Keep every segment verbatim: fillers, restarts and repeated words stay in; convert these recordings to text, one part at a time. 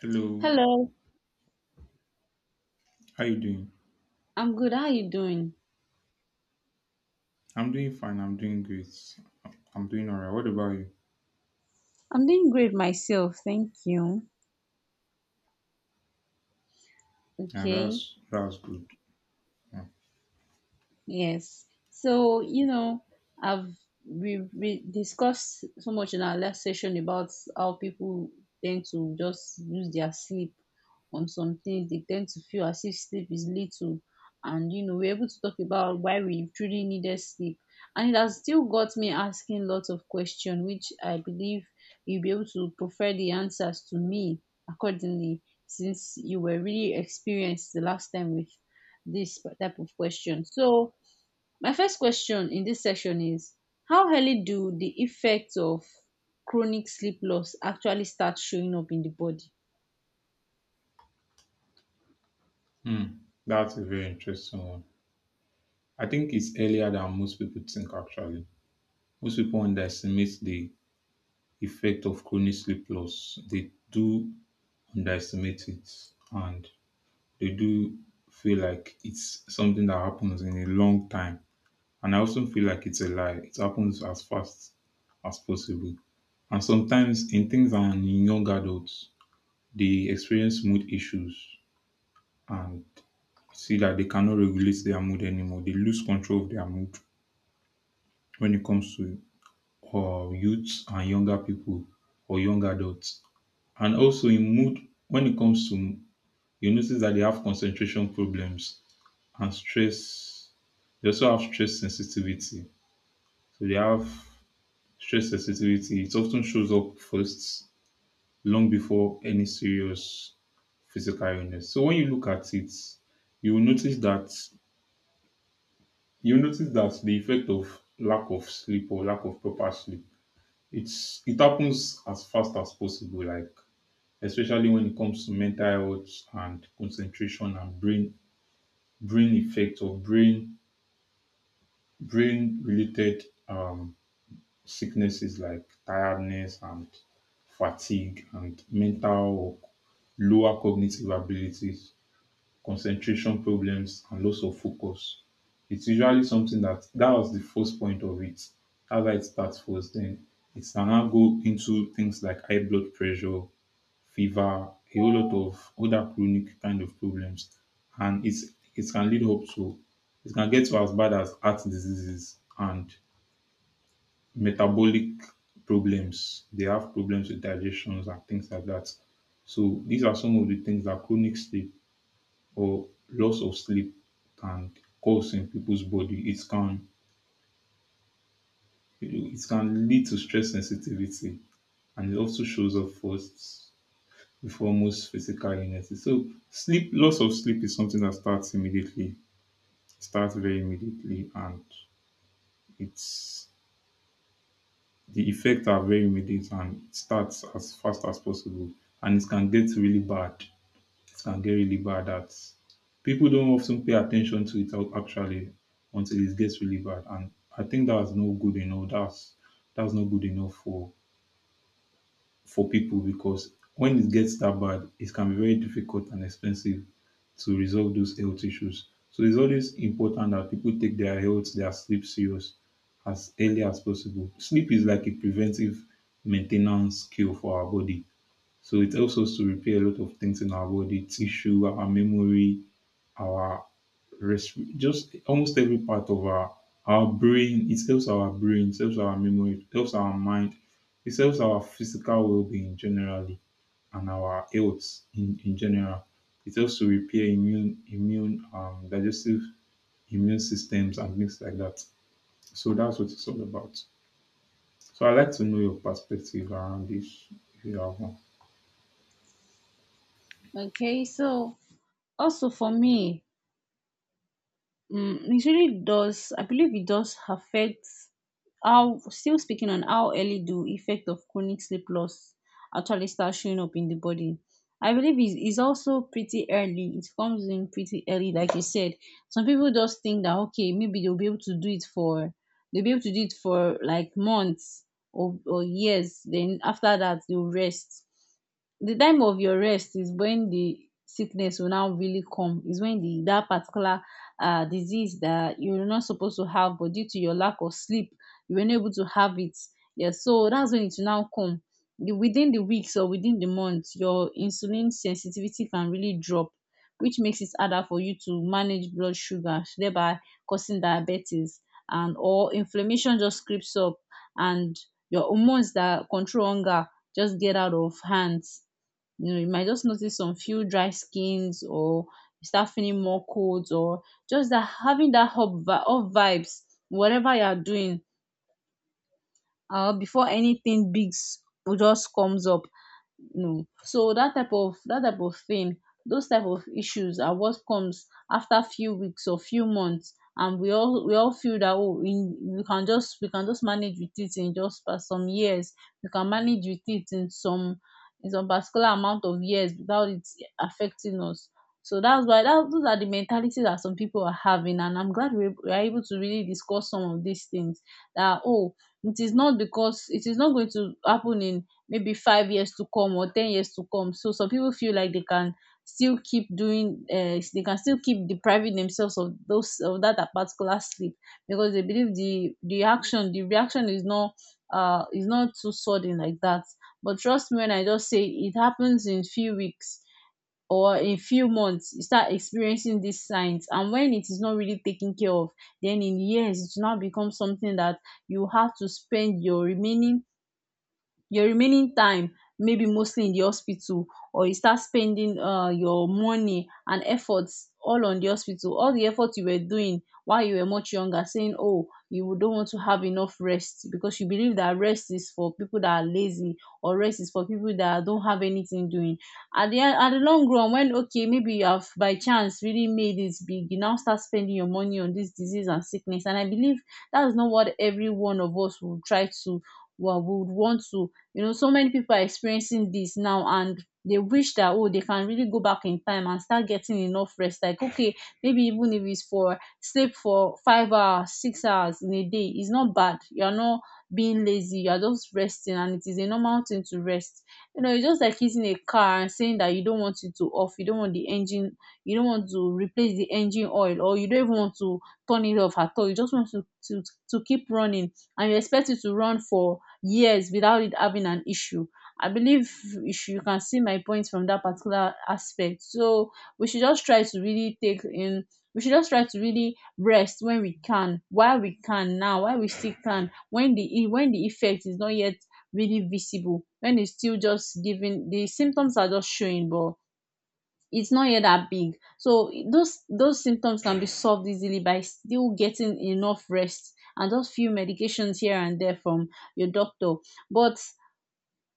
Hello, Hello, how you doing? I'm good. How are you doing? I'm doing fine. I'm doing great. I'm doing all right. What about you? I'm doing great myself, thank you. Yeah, Okay. that's that's good. Yeah. Yes. So, you know, I've we, we discussed so much in our last session about how people tend to just use their sleep on something. They tend to feel as if sleep is little. And, you know, we're able to talk about why we truly needed sleep. And it has still got me asking lots of questions, which I believe you'll be able to prefer the answers to me accordingly, since you were really experienced the last time with this type of question. So, my first question in this section is how early do the effects of chronic sleep loss actually start showing up in the body? Hmm. That's a very interesting one. I think it's earlier than most people think. Actually, most people underestimate the effect of chronic sleep loss. They do underestimate it, and they do feel like it's something that happens in a long time. And I also feel like it's a lie. It happens as fast as possible. And sometimes in things and in young adults, they experience mood issues and see that they cannot regulate their mood anymore. They lose control of their mood when it comes to uh, youths and younger people or young adults. And also in mood, when it comes to, you notice that they have concentration problems and stress. They also have stress sensitivity. So they have stress sensitivity, it often shows up first long before any serious physical illness. So when you look at it, you will notice that you will notice that the effect of lack of sleep or lack of proper sleep, it's it happens as fast as possible, like especially when it comes to mental health and concentration and brain brain effect or brain brain related um sicknesses like tiredness and fatigue and mental or lower cognitive abilities, concentration problems, and loss of focus. It's usually something that that was the first point of it. That's why it starts first. Then it can now go into things like high blood pressure, fever, a whole lot of other chronic kind of problems, and it's it can lead up to, it can get to as bad as heart diseases and metabolic problems. They have problems with digestions and things like that. So these are some of the things that chronic sleep or loss of sleep can cause in people's body. It can it can lead to stress sensitivity, and it also shows up first before most physical illnesses. So sleep, loss of sleep is something that starts immediately, starts very immediately and it's the effects are very immediate and it starts as fast as possible, and it can get really bad. It can get really bad that people don't often pay attention to it out- actually until it gets really bad. And I think that's no good enough. That's that's not good enough for for people, because when it gets that bad, it can be very difficult and expensive to resolve those health issues. So it's always important that people take their health, their sleep serious as early as possible. Sleep is like a preventive maintenance cure for our body. So it helps us to repair a lot of things in our body, tissue, our memory, our rest, just almost every part of our our brain. It helps our brain, it helps our memory, it helps our mind, it helps our physical well-being generally and our health in, in general. It helps to repair immune, immune, um, digestive immune systems and things like that. So that's what it's all about. So I like to know your perspective around this, if you have one. Okay, so also for me, Mm, it really does. I believe it does affect how, still speaking on how early the effect of chronic sleep loss actually starts showing up in the body. I believe it's, it's also pretty early. It comes in pretty early, like you said. Some people just think that, okay, maybe they'll be able to do it for, they'll be able to do it for like months or, or years. Then after that, they'll rest. The time of your rest is when the sickness will now really come. Is when the that particular uh, disease that you're not supposed to have, but due to your lack of sleep, you were not able to have it. Yes, so that's when it will now come. The- Within the weeks or within the month, your insulin sensitivity can really drop, which makes it harder for you to manage blood sugar, thereby causing diabetes and or inflammation just creeps up, and your hormones that control hunger just get out of hands. You know, you might just notice some few dry skins or you start feeling more colds or just that having that up up vibes whatever you are doing, uh before anything big s- just comes up. No, so that type of that type of thing, those type of issues are what comes after few weeks or few months. And we all we all feel that, oh, in we can just we can just manage with it in just pa- some years, we can manage with it in some in some particular amount of years without it affecting us. So that's why that those are the mentalities that some people are having. And I'm glad we we are able to really discuss some of these things, that, oh, it is not because it is not going to happen in maybe five years to come or ten years to come. So some people feel like they can still keep doing, uh, they can still keep depriving themselves of those of that particular sleep, because they believe the the action the reaction is not, uh is not too sudden like that. But trust me when I just say it happens in few weeks or in few months, you start experiencing these signs. And when it is not really taken care of, then in years it will now become something that you have to spend your remaining your remaining time maybe mostly in the hospital, or you start spending, uh, your money and efforts all on the hospital, all the effort you were doing while you were much younger, saying, oh, you don't want to have enough rest because you believe that rest is for people that are lazy, or rest is for people that don't have anything doing. At the end, at the long run, when okay, maybe you have by chance really made it big, you now start spending your money on this disease and sickness. And I believe that's not what every one of us will try to, well, would want to. You know, so many people are experiencing this now and they wish that, oh, they can really go back in time and start getting enough rest. Like, okay, maybe even if it's for sleep for five hours, six hours in a day, it's not bad. You're not being lazy, you're just resting, and it is a normal thing to rest. You know, it's just like using a car and saying that you don't want it to off, you don't want the engine, you don't want to replace the engine oil, or you don't even want to turn it off at all. You just want to to, to keep running, and you expect it to run for years without it having an issue. I believe, if you can see my point from that particular aspect. So we should just try to really take in we should just try to really rest when we can, while we can now, while we still can, when the e- when the effect is not yet really visible, when it's still just giving, the symptoms are just showing, but it's not yet that big. So those those symptoms can be solved easily by still getting enough rest and just few medications here and there from your doctor. But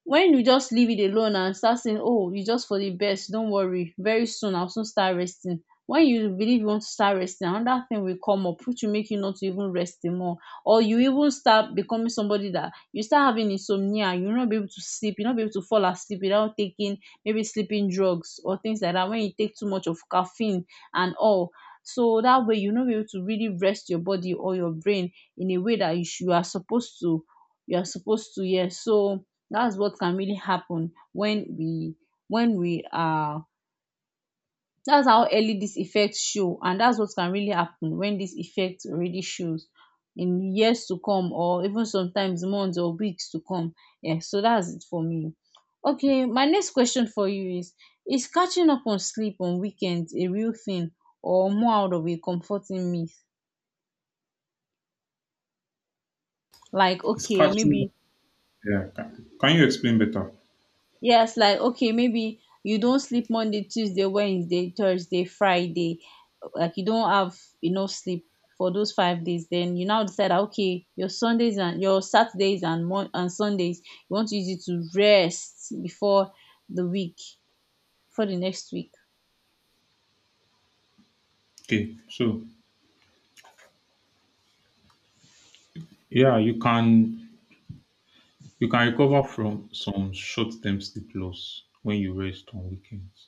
when you just leave it alone and start saying, oh, you just for the best, don't worry, very soon I'll soon start resting. When you believe you want to start resting, another thing will come up which will make you not to even rest anymore, or you even start becoming somebody that you start having insomnia. You will not be able to sleep, you'll not be able to fall asleep without taking maybe sleeping drugs or things like that, when you take too much of caffeine and all. So that way you'll not be able to really rest your body or your brain in a way that you, should, you are supposed to. You are supposed to Yes. So that's what can really happen when we when we are that's how early these effects show, and that's what can really happen when this effect already shows in years to come or even sometimes months or weeks to come. Yeah, so that's it for me. Okay, my next question for you is Is catching up on sleep on weekends a real thing or more out of a comforting myth? Like, It's okay, catching. maybe. Yeah. Can, can you explain better? Yes, like okay, maybe you don't sleep Monday, Tuesday, Wednesday, Thursday, Friday, like you don't have enough sleep for those five days. Then you now decide that okay, your Sundays and your Saturdays and Mon- and Sundays, you want to use it to rest before the week, for the next week. Okay. So yeah, you can you can recover from some short-term sleep loss when you rest on weekends,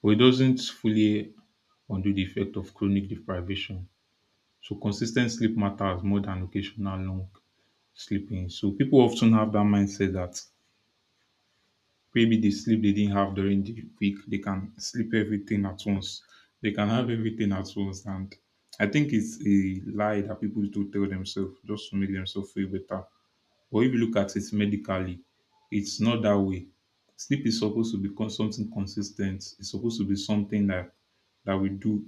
but it doesn't fully undo the effect of chronic deprivation. So consistent sleep matters more than occasional long sleeping. So people often have that mindset that maybe the sleep they didn't have during the week, they can sleep everything at once. They can have everything at once. And I think it's a lie that people do tell themselves just to make themselves feel better. But if you look at it medically, it's not that way. Sleep is supposed to become something consistent. It's supposed to be something that that we do.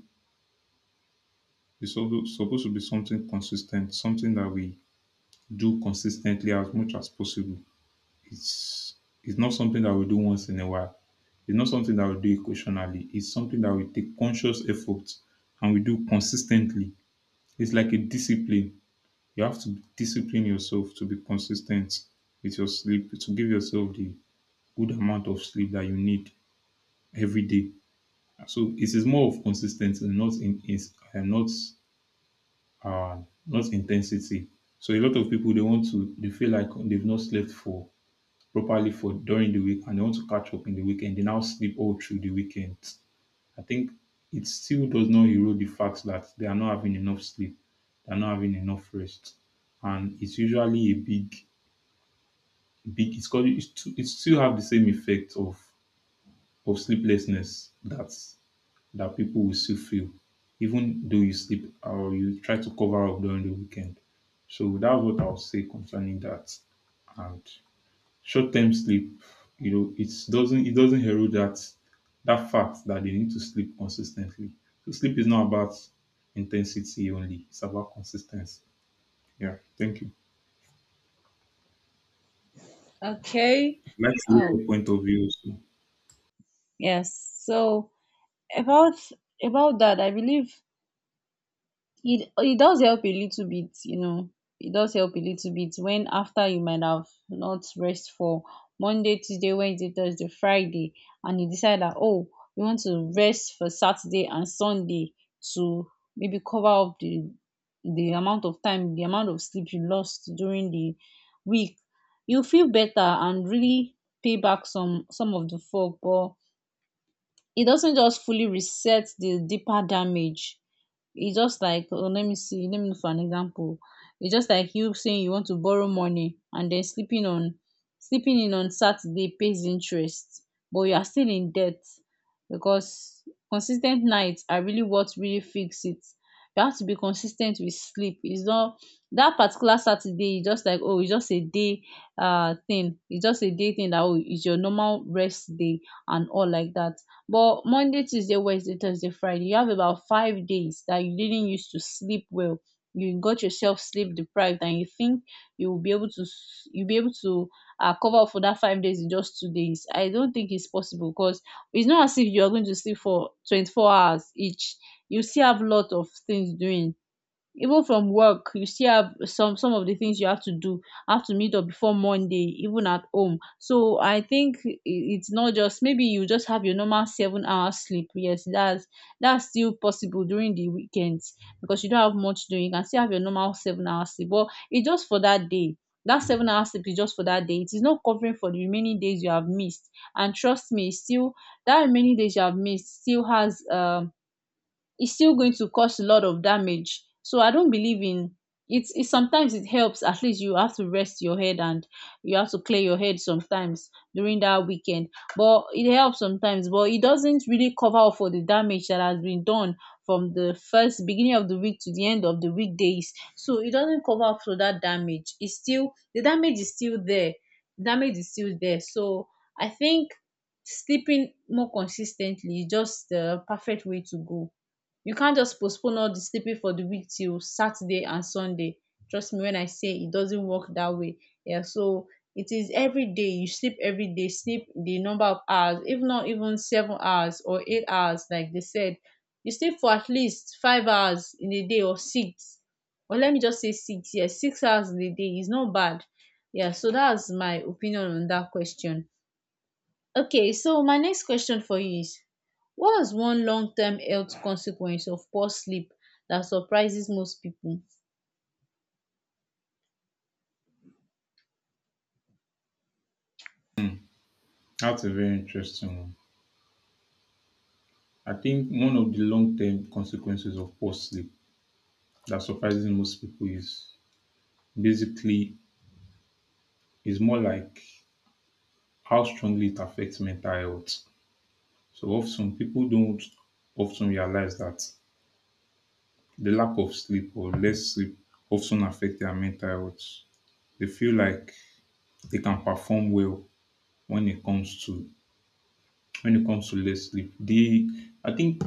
It's also supposed to be something consistent, something that we do consistently as much as possible. It's it's not something that we do once in a while. It's not something that we do occasionally. It's something that we take conscious effort and we do consistently. It's like a discipline. You have to discipline yourself to be consistent with your sleep, to give yourself the good amount of sleep that you need every day. So it is more of consistency, not in is uh, not uh, not intensity. So a lot of people, they want to they feel like they've not slept for properly for during the week, and they want to catch up in the weekend, they now sleep all through the weekend. I think it still does not erode the fact that they are not having enough sleep, they are not having enough rest, and it's usually a big, big. It's called, it's too, it still have the same effect of of sleeplessness that that people will still feel, even though you sleep or you try to cover up during the weekend. So that's what I'll say concerning that. And short-term sleep, you know, it doesn't it doesn't herald that that fact that they need to sleep consistently. So sleep is not about intensity only; it's about consistency. Yeah, thank you. Okay. Like to hear Oh your point of view also. yes. So about about that, I believe it it does help a little bit, you know, it does help a little bit, when after you might have not rest for Monday, Tuesday, Wednesday, Thursday, Friday, and you decide that, oh, you want to rest for Saturday and Sunday to maybe cover up the the amount of time the amount of sleep you lost during the week, you feel better and really pay back some some of the fog. But it doesn't just fully reset the deeper damage. It's just like, oh, let me see, let me look for an example. It's just like you saying you want to borrow money, and then sleeping on sleeping in on Saturday pays interest, but you are still in debt, because consistent nights are really what really fix it. You have to be consistent with sleep. It's not that particular Saturday is just like, oh, it's just a day, uh thing. It's just a day thing, that, oh, it's your normal rest day and all like that. But Monday, Tuesday, Wednesday, Thursday, Friday, you have about five days that you didn't used to sleep well. You got yourself sleep deprived, and you think you will be able to s- you'll be able to, uh, cover up for that five days in just two days. I don't think it's possible, because it's not as if you are going to sleep for twenty-four hours each. You still have a lot of things doing, even from work you still have some some of the things you have to do, have to meet up before Monday, even at home. So I think, i- it's not, just maybe you just have your normal seven hours sleep. Yes, that's that's still possible during the weekends, because you don't have much doing. You can still have your normal seven hours sleep, but it's just for that day. That seven hours sleep is just for that day, it is not covering for the remaining days you have missed. And trust me, still that remaining days you have missed still has um it's still going to cause a lot of damage. So I don't believe in, it's it sometimes it helps. At least you have to rest your head, and you have to clear your head sometimes during that weekend. But it helps sometimes, but it doesn't really cover up for the damage that has been done from the first beginning of the week to the end of the weekdays. So it doesn't cover up for that damage. It's still the damage is still there. Damage is still there. So I think sleeping more consistently is just the perfect way to go. You can't just postpone all the sleeping for the week till Saturday and Sunday. Trust me when I say it doesn't work that way. Yeah, so it is every day. You sleep every day. Sleep the number of hours, if not even seven hours or eight hours, like they said. You sleep for at least five hours in a day or six. Or let me just say six. Yes, six hours in a day is not bad. Yeah, so that's my opinion on that question. Okay, so my next question for you is, what is one long term health consequence of poor sleep that surprises most people? That's a very interesting one. I think one of the long-term consequences of poor sleep that surprises most people is basically, is more like how strongly it affects mental health. So often people don't often realize that the lack of sleep or less sleep often affect their mental health. They feel like they can perform well when it comes to, when it comes to less sleep. They I think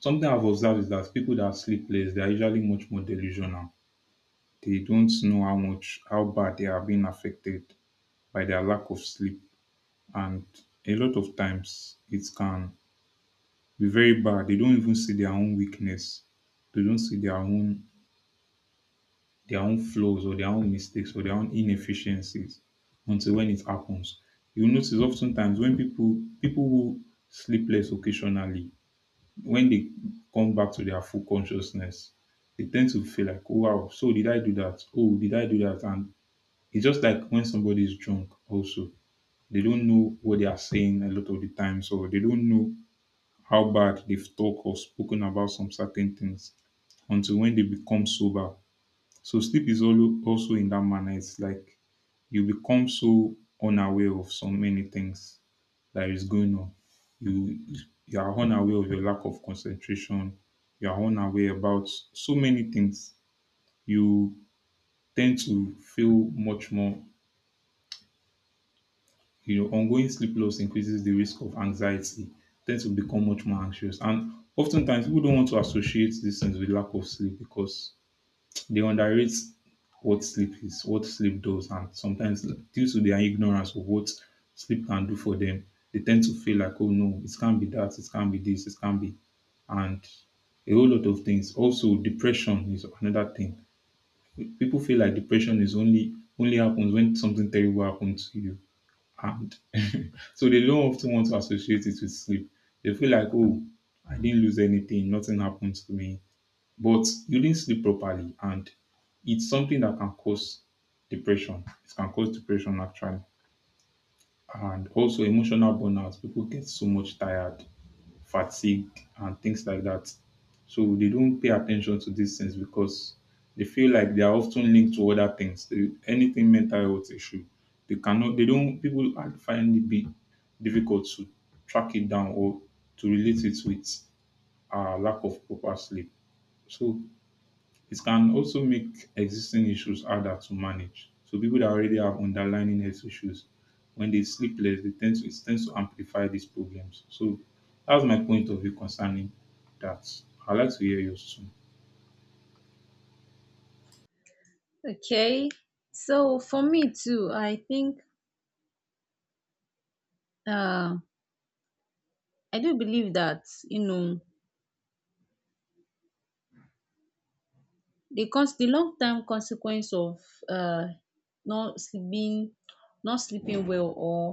something I've observed is that people that sleep less, they are usually much more delusional. They don't know how much, how bad they are being affected by their lack of sleep, and a lot of times it can be very bad. They don't even see their own weakness. They don't see their own, their own flaws or their own mistakes or their own inefficiencies until when it happens. You notice oftentimes when people people who sleep less occasionally, when they come back to their full consciousness, they tend to feel like, oh wow, so did I do that? Oh, did I do that? And it's just like when somebody is drunk also. They don't know what they are saying a lot of the time, so they don't know how bad they've talked or spoken about some certain things until when they become sober. So sleep is also also in that manner. It's like you become so unaware of so many things that is going on. You you are unaware of your lack of concentration. You are unaware about so many things. You tend to feel much more. You know, ongoing sleep loss increases the risk of anxiety. Tend to become much more anxious, and oftentimes people don't want to associate these things with lack of sleep because they underrate what sleep is, what sleep does, and sometimes due to their ignorance of what sleep can do for them, they tend to feel like, oh no, it can't be that, it can't be this, it can't be, and a whole lot of things. Also, depression is another thing. People feel like depression is only only happens when something terrible happens to you, and so they don't often want to associate it with sleep. They feel like, oh, I didn't lose anything, nothing happened to me, but you didn't sleep properly and it's something that can cause depression. It can cause depression actually. And also emotional burnout. People get so much tired, fatigued, and things like that. So they don't pay attention to these things because they feel like they are often linked to other things. They- anything mental health issue, they cannot. They don't. People are- find it be difficult to track it down or to relate it with uh, lack of proper sleep. So it can also make existing issues harder to manage. So people that already have underlying health issues, when they sleep less, they tend to, it tends to amplify these problems. So that's my point of view concerning that. I'd like to hear yours too. Okay. So for me too, I think uh I do believe that, you know, the cons the long term consequence of uh not sleeping not sleeping well or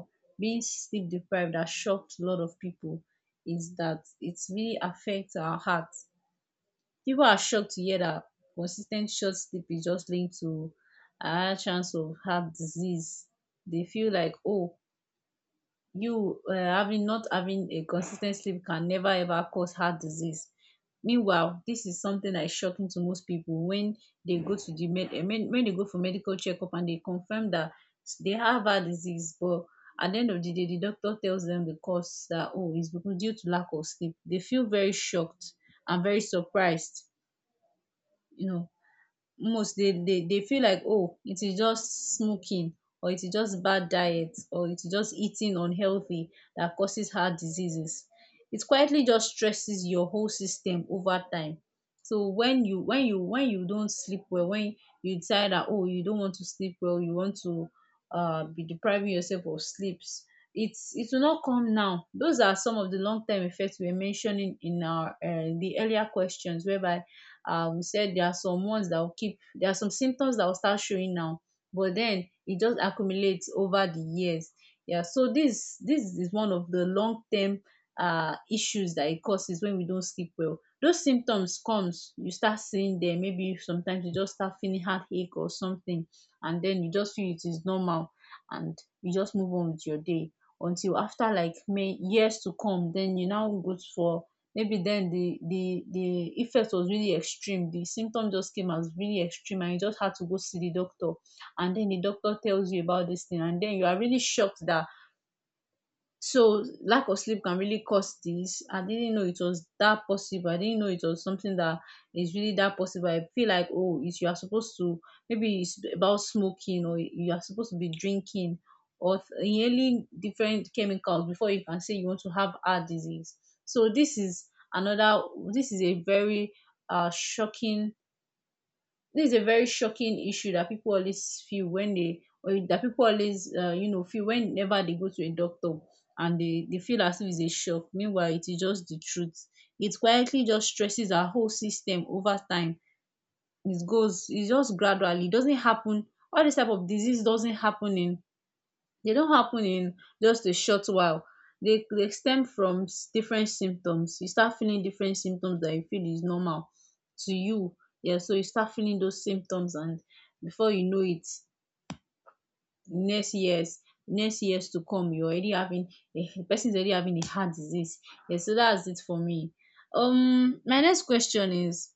being sleep deprived that shocked a lot of people is that it really affects our heart. People are shocked to hear that consistent short sleep is just linked to a higher chance of heart disease. They feel like, oh, you um having not having a consistent sleep can never ever cause heart disease. Meanwhile, this is something that is shocking to most people when they go to the med um when when they go for medical checkup and they confirm that they have heart disease, but at the end of the day the doctor tells them the cause, that oh, it's because due to lack of sleep. They feel very shocked and very surprised, you know. Most, they they they feel like, oh, it is just smoking or it is just bad diet or it is just eating unhealthy that causes heart diseases. It quietly just stresses your whole system over time. So when you when you when you don't sleep well, when you decide that oh, you don't want to sleep well, you want to uh be depriving yourself of sleeps, it's it will not come now. Those are some of the long term effects we were mentioning in our um the earlier questions, whereby um we said there are some ones that will keep, there are some symptoms that will start showing now, but then it just accumulates over the years. Yeah, so this this is one of the long term uh issues that it causes. When we don't sleep well, those symptoms comes, you start seeing them. Maybe sometimes you just start feeling heartache or something, and then you just feel it is normal and you just move on with your day until after like may years to come, then you now go for, maybe then, the the the effect was really extreme, the symptom just came as really extreme and you just had to go see the doctor, and then the doctor tells you about this thing and then you are really shocked that, so lack of sleep can really cause this. I didn't know it was that possible. I didn't know it was something that is really that possible. I feel like, oh, it's you are supposed to, maybe it's about smoking, or you are supposed to be drinking or th- inhaling different chemicals before you can say you want to have heart disease. So this is another. This is a very uh shocking, this is a very shocking issue that people always feel when they, or that people always uh, you know, feel whenever they go to a doctor, and they, they feel as if it's a shock. Meanwhile it is just the truth. It quietly just stresses our whole system over time. It goes, it just gradually, it doesn't happen, all this type of disease doesn't happen in, they don't happen in just a short while. They they stem from s- different symptoms. You start feeling different symptoms that you feel is normal to you. Yeah, so you start feeling those symptoms and before you know it, next years next years to come you're already having a, the person is already having a heart disease. Yeah, so that's it for me. Um my next question is,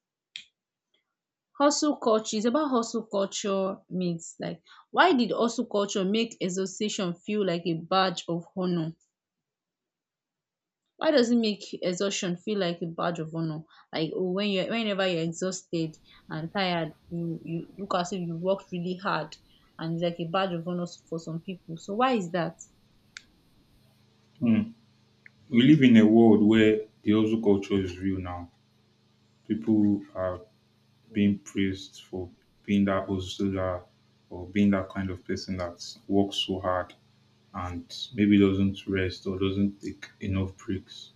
hustle culture is about hustle culture myths, like why did hustle culture make association feel like a badge of honor, why does it make exhaustion feel like a badge of honor, like oh when you're, whenever you're exhausted and tired, you you look as if you worked really hard and it's like a badge of honor for some people, so why is that? Hmm. We live in a world where the hustle culture is real now. People are Hmm, being praised for being that hustler or being that kind of person that works so hard and maybe doesn't rest or doesn't take enough breaks.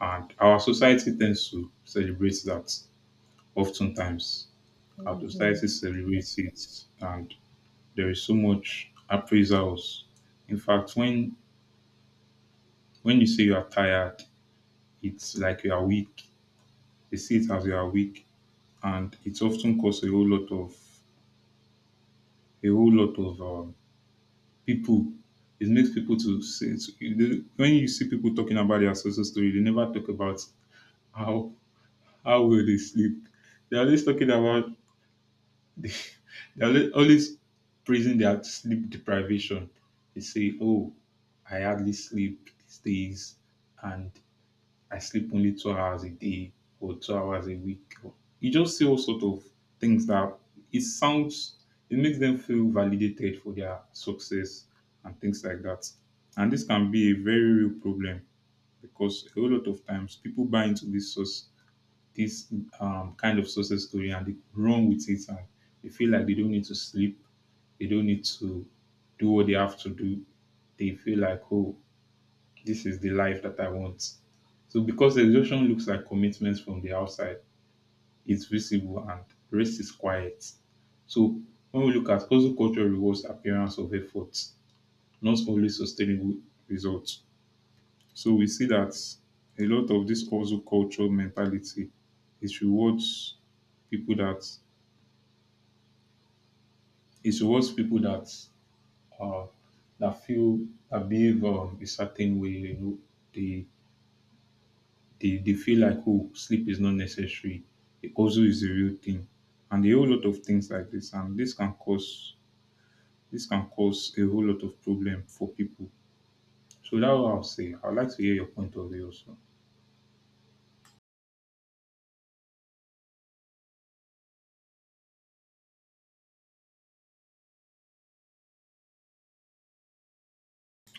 And our society tends to celebrate that oftentimes. hmm, Our hmm. society celebrates it, and there is so much appraisals. In fact, when when you say you are tired, it's like you are weak. They see it as you are weak, and it often causes a whole lot of a whole lot of um, people. It makes people to say to- they- when you see people talking about their success story, they never talk about how how well they sleep. They're always talking about They're alwa- always praising their sleep deprivation. They say, oh, I hardly sleep these days, and I sleep only two hours a day or two hours a week. Or- you just see all sort of things that it sounds, it makes them feel validated for their success and things like that. And this can be a very real problem because a whole lot of times people buy into this source this um, kind of success story, and they run with it, and they feel like they don't need to sleep, they don't need to do what they have to do. They feel like, oh, this is the life that I want. So because exhaustion looks like commitments from the outside, it's visible and rest is quiet. So when we look at hustle culture rewards appearance of effort, not only sustainable results. So we see that a lot of this also cultural mentality is rewards people that, it rewards people that uh, that feel, that behave um, a certain way. You know, they they, they feel like, oh, sleep is not necessary. It also is a real thing, and a whole lot of things like this, and this can cause this can cause a whole lot of problem for people. So that's what I'll say. I'd like to hear your point of view also.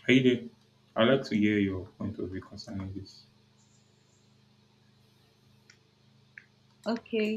Are you there? I'd like to hear your point of view concerning this. Okay.